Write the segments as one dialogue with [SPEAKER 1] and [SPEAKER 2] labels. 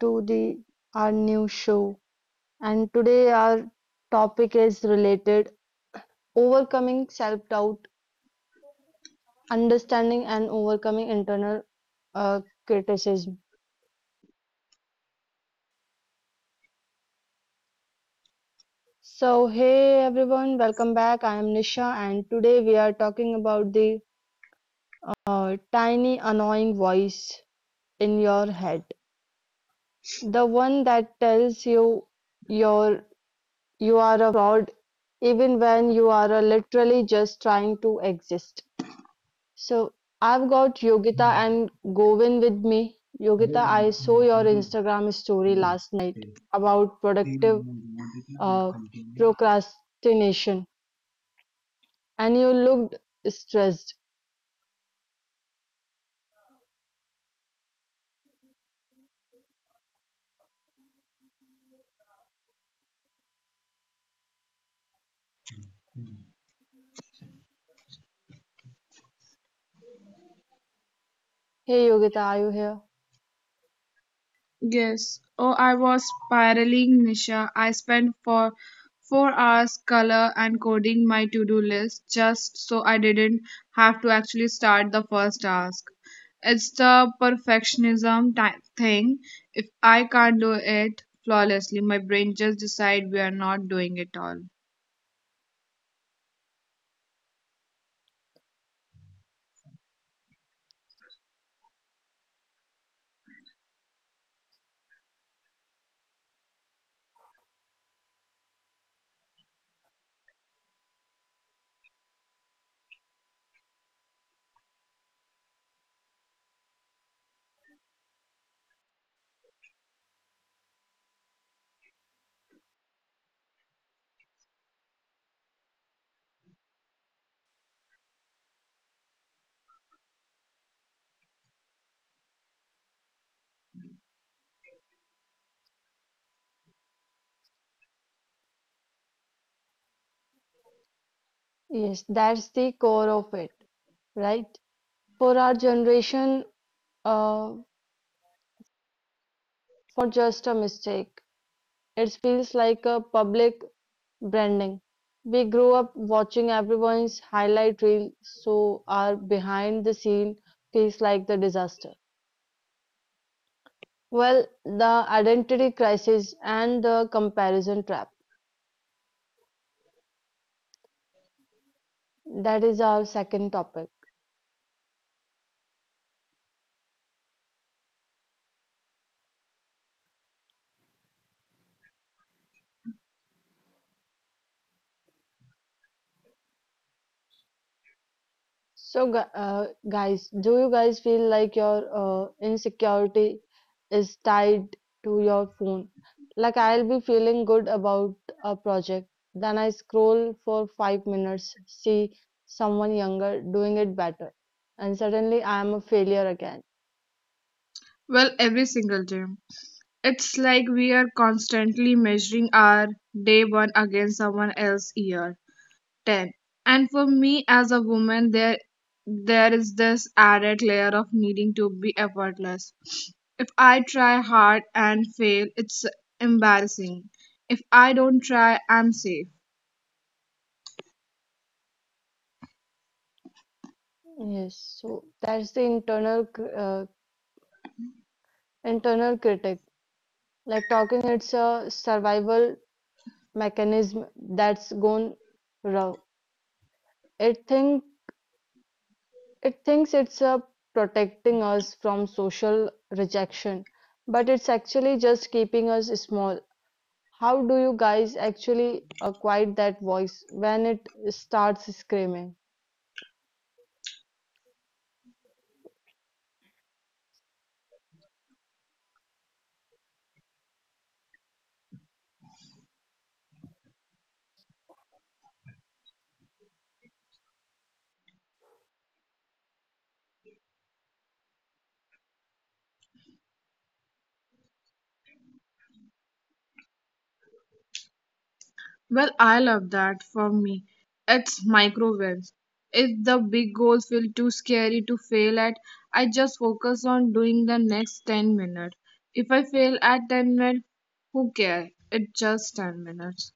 [SPEAKER 1] To the our new show. And today our topic is related overcoming self-doubt, understanding and overcoming internal criticism. So hey everyone, welcome back. I am Nisha and today we are talking about the tiny annoying voice in your head. The one that tells you your you are a fraud even when you are literally just trying to exist. So I've got Yogita and Govin with me. Yogita, I saw your Instagram story last night about productive uh, procrastination and you looked stressed. Hey Yogita, are you here?
[SPEAKER 2] Yes. Oh, I was spiraling, Nisha. I spent for 4 hours color and coding my to-do list just so I didn't have to actually start the first task. It's the perfectionism thing. If I can't do it flawlessly, my brain just decide we are not doing it all.
[SPEAKER 1] Yes, that's the core of it, right? For our generation, uh, falling is not just a mistake. It feels like a public branding. We grow up watching everyone's highlight reel, so our behind the scene feels like the disaster. Well, the identity crisis and the comparison trap. That is our second topic. So, guys, do you guys feel like your insecurity is tied to your phone? Like, I'll be feeling good about a project, then I scroll for 5 minutes, see someone younger doing it better, and suddenly I am a failure again.
[SPEAKER 2] Well, every single day. It's like we are constantly measuring our day one against someone else's year. 10. And for me as a woman, there is this added layer of needing to be effortless. If I try hard and fail, it's embarrassing. If I don't try, I'm safe.
[SPEAKER 1] Yes, so that's the internal critic. Like talking, it's a survival mechanism that's gone wrong. It thinks It thinks it's protecting us from social rejection, but it's actually just keeping us small. How do you guys actually quiet that voice when it starts screaming?
[SPEAKER 2] Well, I love that. For me, it's micro wins. If the big goals feel too scary to fail at, I just focus on doing the next 10 minutes. If I fail at 10 minutes, who cares? It's just 10 minutes.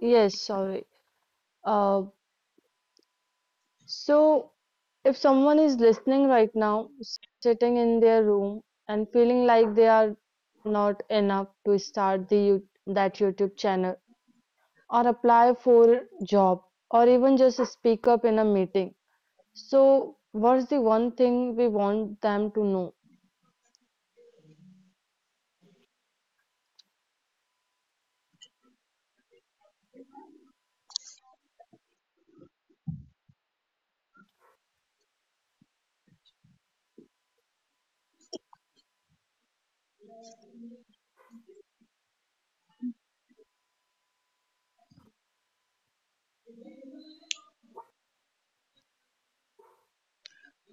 [SPEAKER 1] Yes, sorry. Uh, so, if someone is listening right now, sitting in their room and feeling like they are not enough to start the YouTube channel or apply for a job or even just speak up in a meeting. So, what's the one thing we want them to know?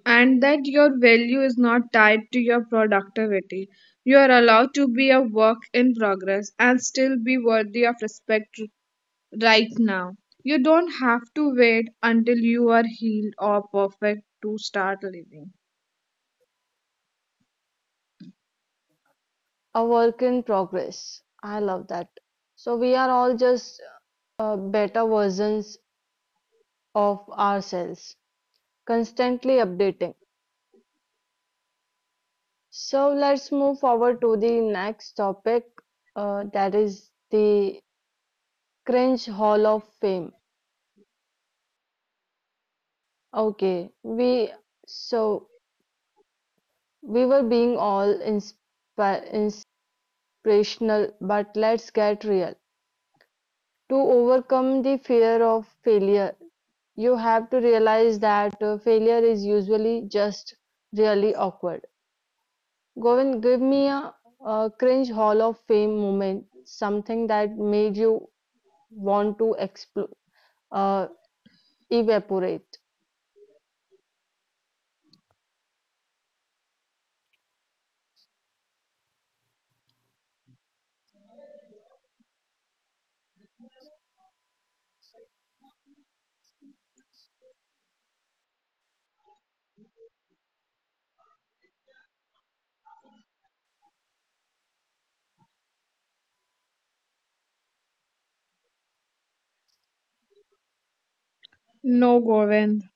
[SPEAKER 2] And that your value is not tied to your productivity. You are allowed to be a work in progress and still be worthy of respect right now. You don't have to wait until you are healed or perfect to start living.
[SPEAKER 1] A work in progress. I love that. So, we are all just better versions of ourselves, constantly updating. So, let's move forward to the next topic that is the Cringe Hall of Fame. Okay, we so we were being all inspirational, but let's get real. To overcome the fear of failure, you have to realize that failure is usually just really awkward. Govind, give me a cringe Hall of Fame moment, something that made you want to explode, uh, evaporate.
[SPEAKER 2] No, Govind.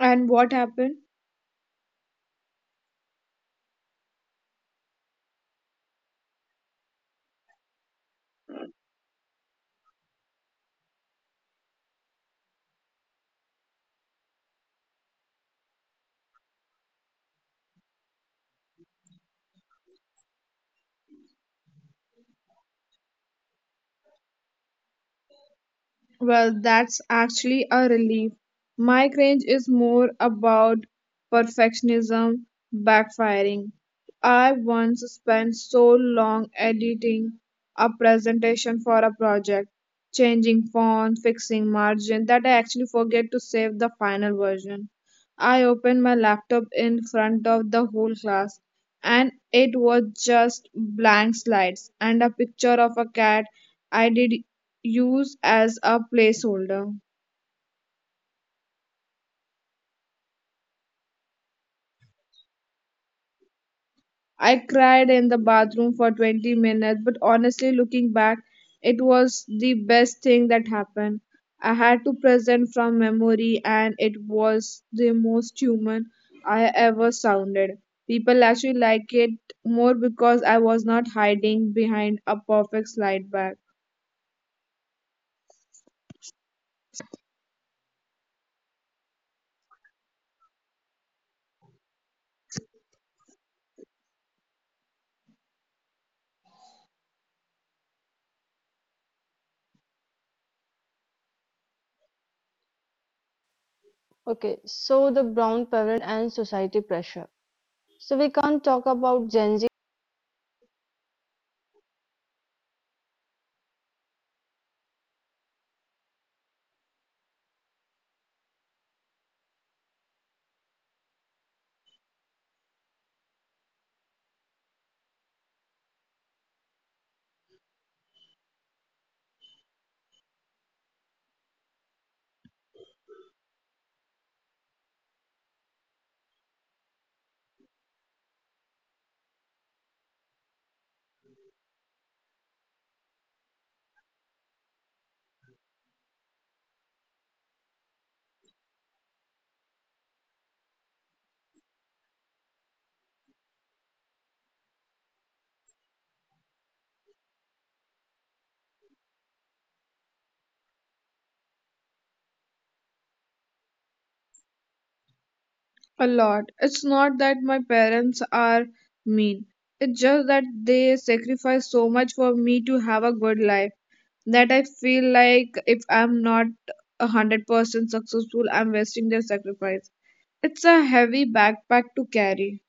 [SPEAKER 2] And what happened? Well, that's actually a relief. My cringe is more about perfectionism backfiring. I once spent so long editing a presentation for a project, changing font, fixing margin, that I actually forget to save the final version. I opened my laptop in front of the whole class, and it was just blank slides and a picture of a cat I did use as a placeholder. I cried in the bathroom for 20 minutes, but honestly, looking back, it was the best thing that happened. I had to present from memory, and it was the most human I ever sounded. People actually like it more because I was not hiding behind a perfect slide back.
[SPEAKER 1] Okay, so the brown parent and society pressure. So we can't talk about Gen
[SPEAKER 2] A lot. It's not that my parents are mean. It's just that they sacrificed so much for me to have a good life that I feel like if I'm not 100% successful, I'm wasting their sacrifice. It's a heavy backpack to carry.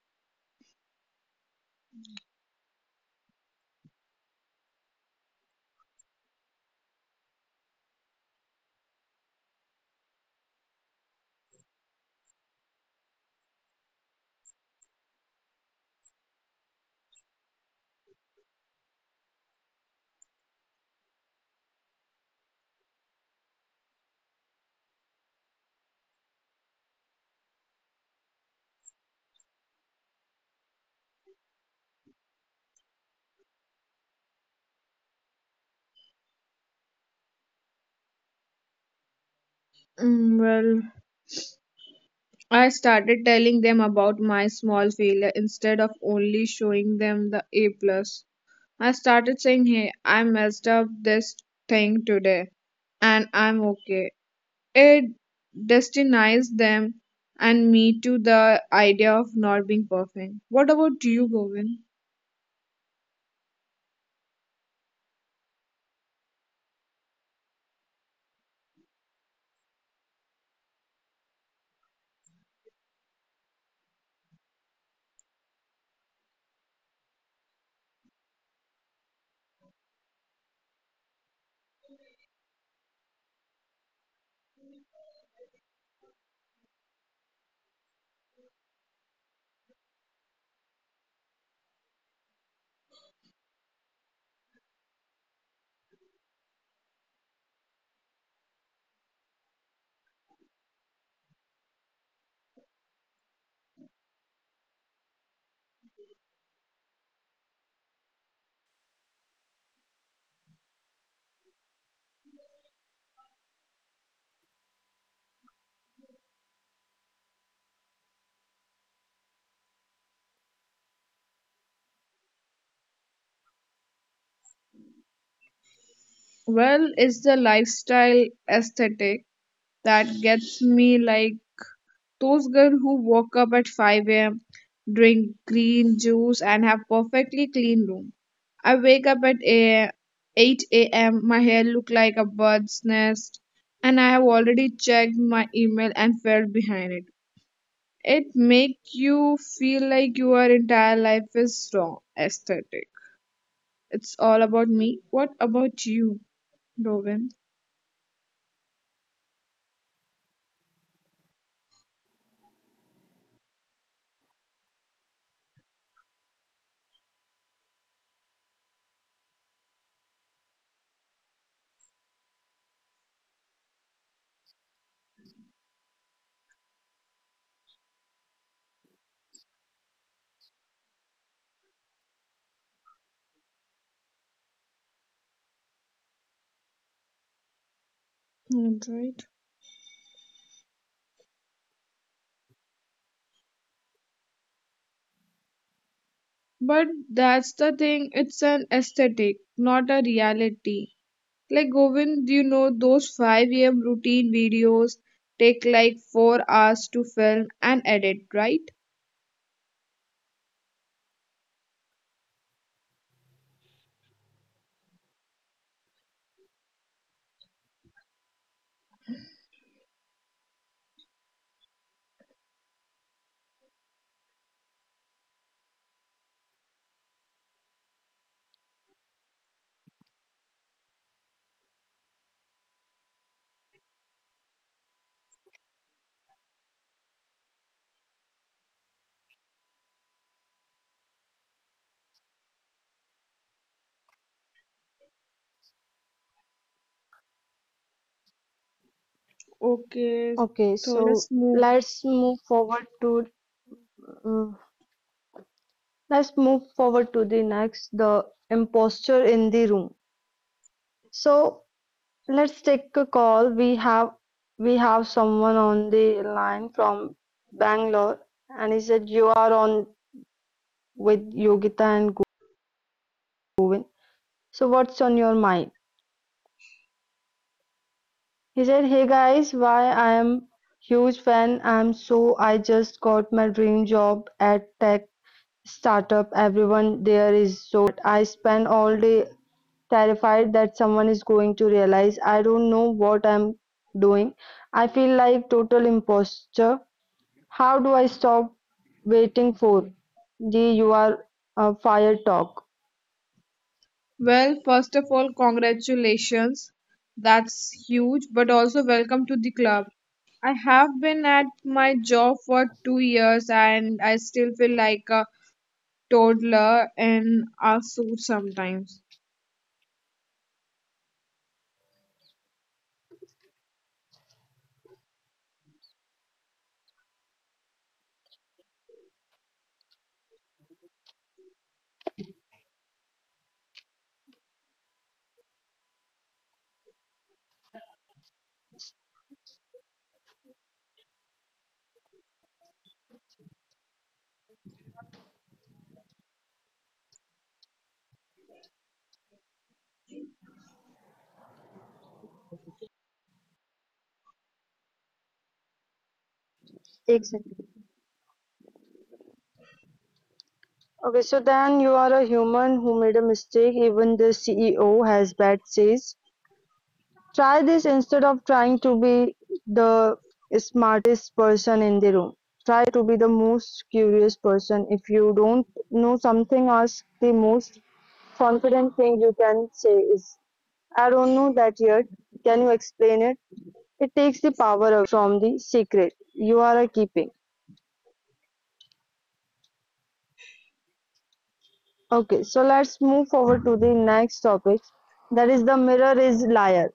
[SPEAKER 2] Well, I started telling them about my small failure instead of only showing them the A plus. I started saying, "Hey, I messed up this thing today, and I'm okay." It destinized them and me to the idea of not being perfect. What about you, Govin? Well, it's the lifestyle aesthetic that gets me, like those girls who woke up at 5 a.m., drink green juice, and have perfectly clean room. I wake up at a 8 a.m., my hair look like a bird's nest, and I have already checked my email and fell behind it. It make you feel like your entire life is wrong aesthetic. It's all about me. What about you, Robin? That's right. But that's the thing, it's an aesthetic, not a reality. Like Govind, those 5 a.m. routine videos take like 4 hours to film and edit, right? Okay,
[SPEAKER 1] okay,
[SPEAKER 2] so
[SPEAKER 1] so
[SPEAKER 2] let's move.
[SPEAKER 1] let's move forward to uh, the next, the imposture in the room. So let's take a call. We have someone on the line from Bangalore, and he said you are on with Yogita and Govind. So what's on your mind? He said, hey guys, why I am huge fan. I'm so I just got my dream job at tech startup, everyone there is so I spend all day terrified that someone is going to realize I don't know what I'm doing. I feel like total imposter. How do I stop waiting for the you are fired talk?
[SPEAKER 2] Well, first of all, congratulations. That's huge, but also welcome to the club. I have been at my job for 2 years and I still feel like a toddler in a suit sometimes.
[SPEAKER 1] Exactly. Okay, so then you are a human who made a mistake. Even the CEO has bad days. Try this instead of trying to be the smartest person in the room. Try to be the most curious person. If you don't know something, ask the most confident thing you can say is, I don't know that yet. Can you explain it? It takes the power from the secret you are keeping. Okay, so let's move forward to the next topic. That is the mirror is liar.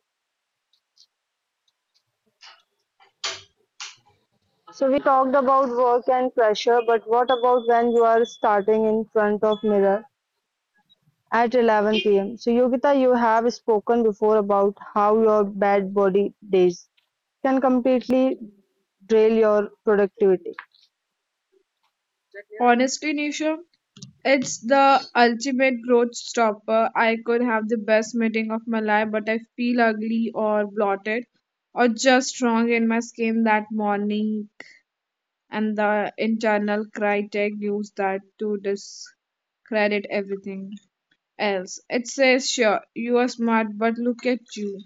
[SPEAKER 1] So we talked about work and pressure, but what about when you are starting in front of mirror at 11 p.m.? So Yogita, you have spoken before about how your bad body days can completely derail your productivity.
[SPEAKER 2] Honestly, Nisha, it's the ultimate growth stopper. I could have the best meeting of my life, but I feel ugly or bloated or just wrong in my skin that morning, and the internal critic used that to discredit everything else. It says, sure, you are smart, but look at you.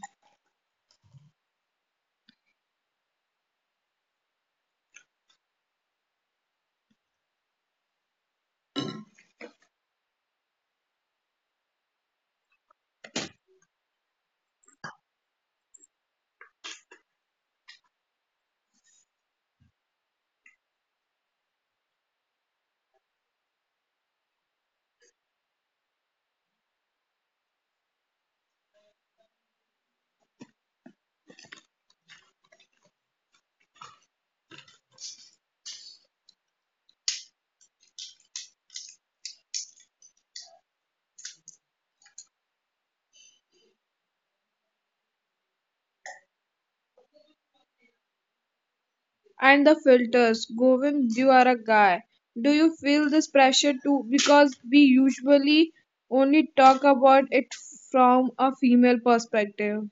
[SPEAKER 2] And the filters. Govind, you are a guy. Do you feel this pressure too? Because we usually only talk about it from a female perspective.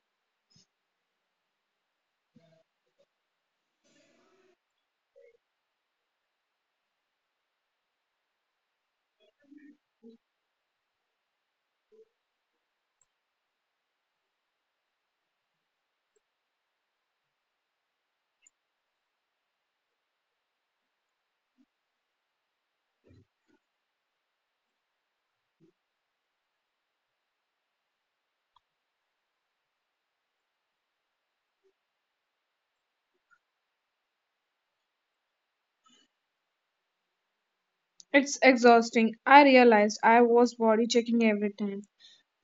[SPEAKER 2] It's exhausting. I realized I was body checking every time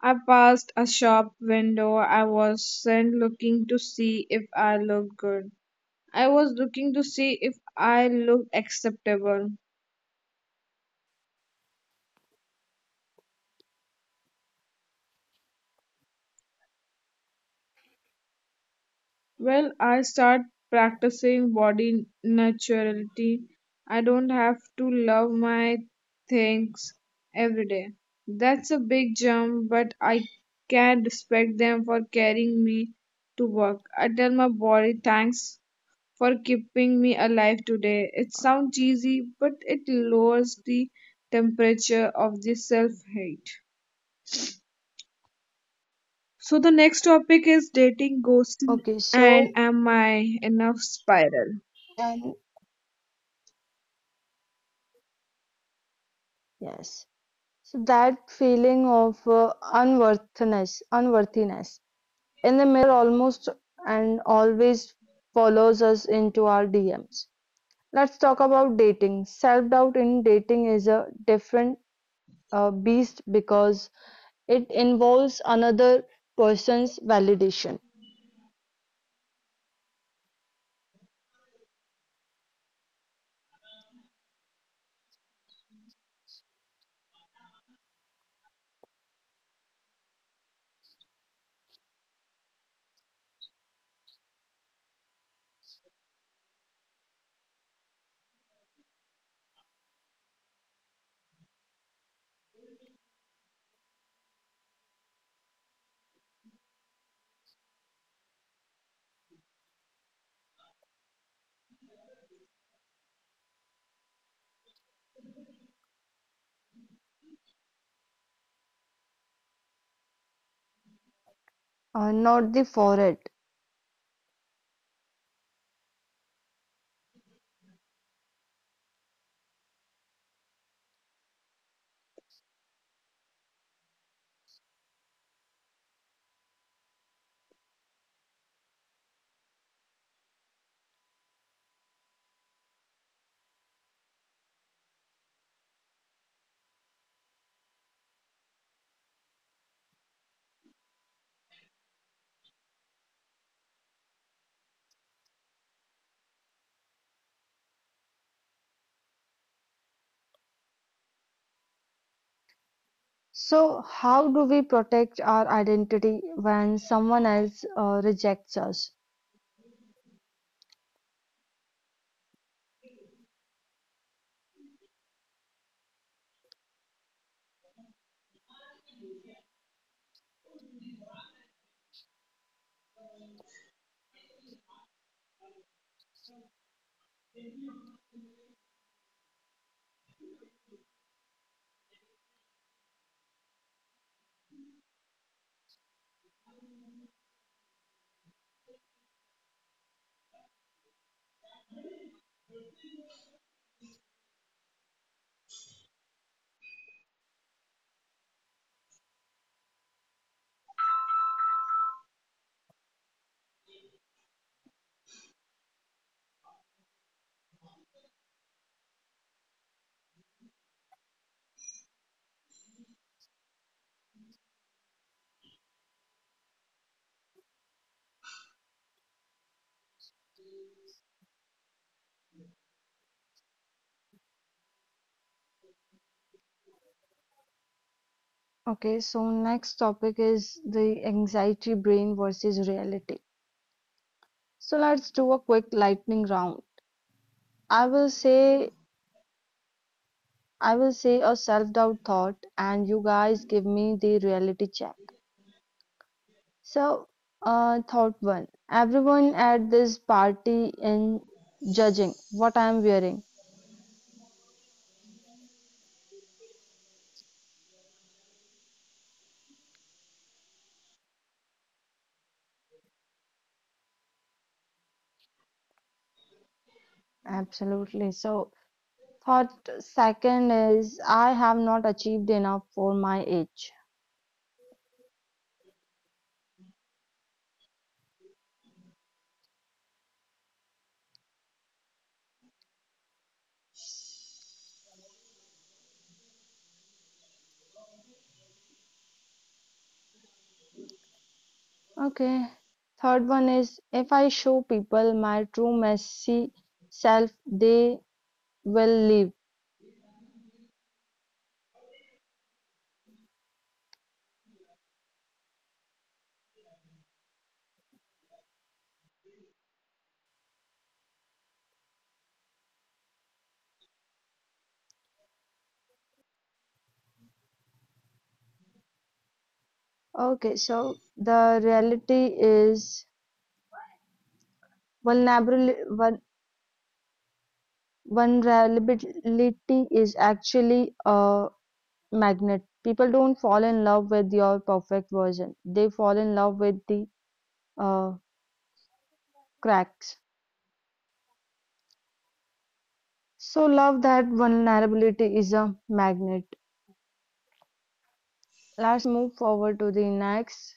[SPEAKER 2] I passed a shop window. I wasn't looking to see if I looked good. I was looking to see if I looked acceptable. Well, I start practicing body naturality. I don't have to love my things every day. That's a big jump, but I can respect them for carrying me to work. I tell my body thanks for keeping me alive today. It sounds cheesy, but it lowers the temperature of the self-hate. So the next topic is dating, ghosting,
[SPEAKER 1] Okay,
[SPEAKER 2] and
[SPEAKER 1] so
[SPEAKER 2] am I enough spiral.
[SPEAKER 1] and yes, so that feeling of unworthiness, unworthiness in the mirror almost and always follows us into our DMs. Let's talk about dating. Self-doubt in dating is a different beast because it involves another person's validation, not the forehead. So, how do we protect our identity when someone else rejects us? Okay, so next topic is the anxiety brain versus reality. So let's do a quick lightning round. I will say I will say a self-doubt thought and you guys give me the reality check. So, thought one. Everyone at this party in judging what I am wearing. Absolutely. So, thought second is I have not achieved enough for my age. Okay. Third one is if I show people my true messy self, they will leave. Okay, so the reality is vulnerability, vulnerability is actually a magnet. People don't fall in love with your perfect version. They fall in love with the uh, cracks. So love that vulnerability is a magnet. Let's move forward to the next.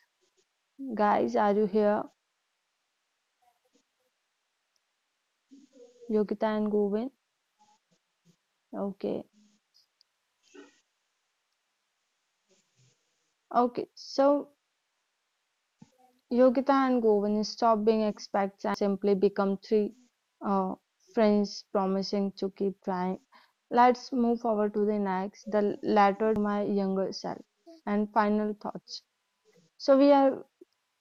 [SPEAKER 1] Guys, are you here? Yogita and Govind. Okay. Okay. So Yogita and Govind stop being expats simply become three uh, friends promising to keep trying. Let's move forward to the next, the letter my younger self and final thoughts. So we are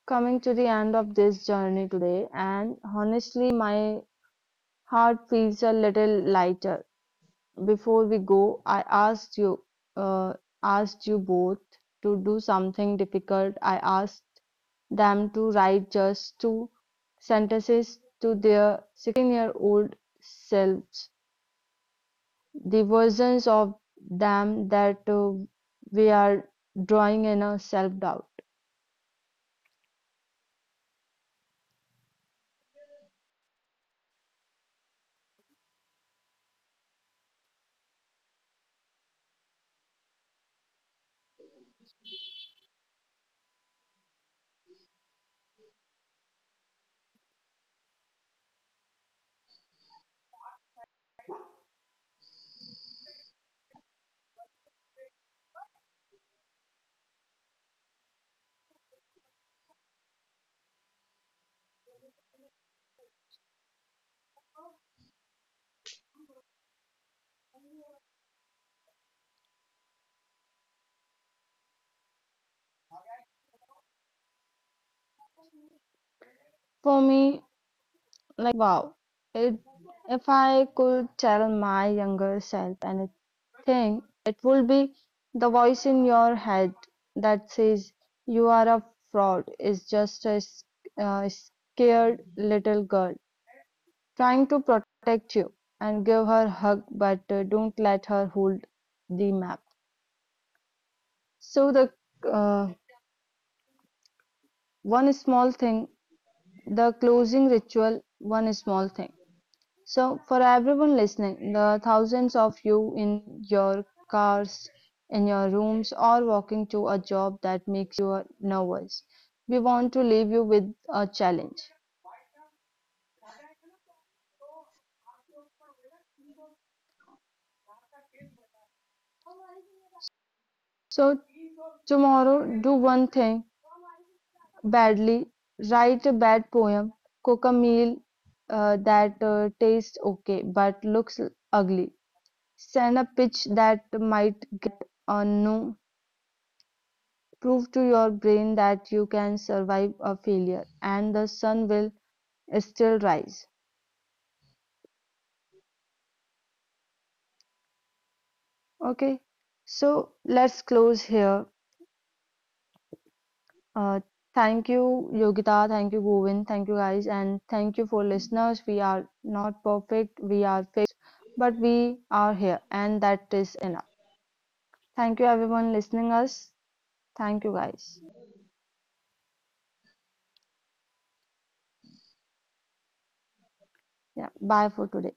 [SPEAKER 1] coming to the end of this journey today and honestly my heart feels a little lighter before we go, I uh, asked you both to do something difficult. I asked them to write just two sentences to their 16-year-old year old selves. The versions of them that we are drawing in a self doubt. For me, like, wow, it, if I could tell my younger self anything. Thing. It will be the voice in your head that says you are a fraud is just a scared little girl trying to protect you and give her a hug, but don't let her hold the map. So the uh, one small thing, the closing ritual, one small thing. So, for everyone listening, the thousands of you in your cars, in your rooms, or walking to a job that makes you nervous, we want to leave you with a challenge. So, tomorrow, do one thing badly, write a bad poem, cook a meal that tastes okay but looks ugly, send a pitch that might a no. Prove to your brain that you can survive a failure and the sun will still rise. Okay, so let's close here. Uh, Thank you, Yogita. Thank you, Govind. Thank you, guys. And thank you for listeners. We are not perfect, we are fixed, but we are here, and that is enough. Thank you, everyone, listening us. Thank you, guys. Yeah, bye for today.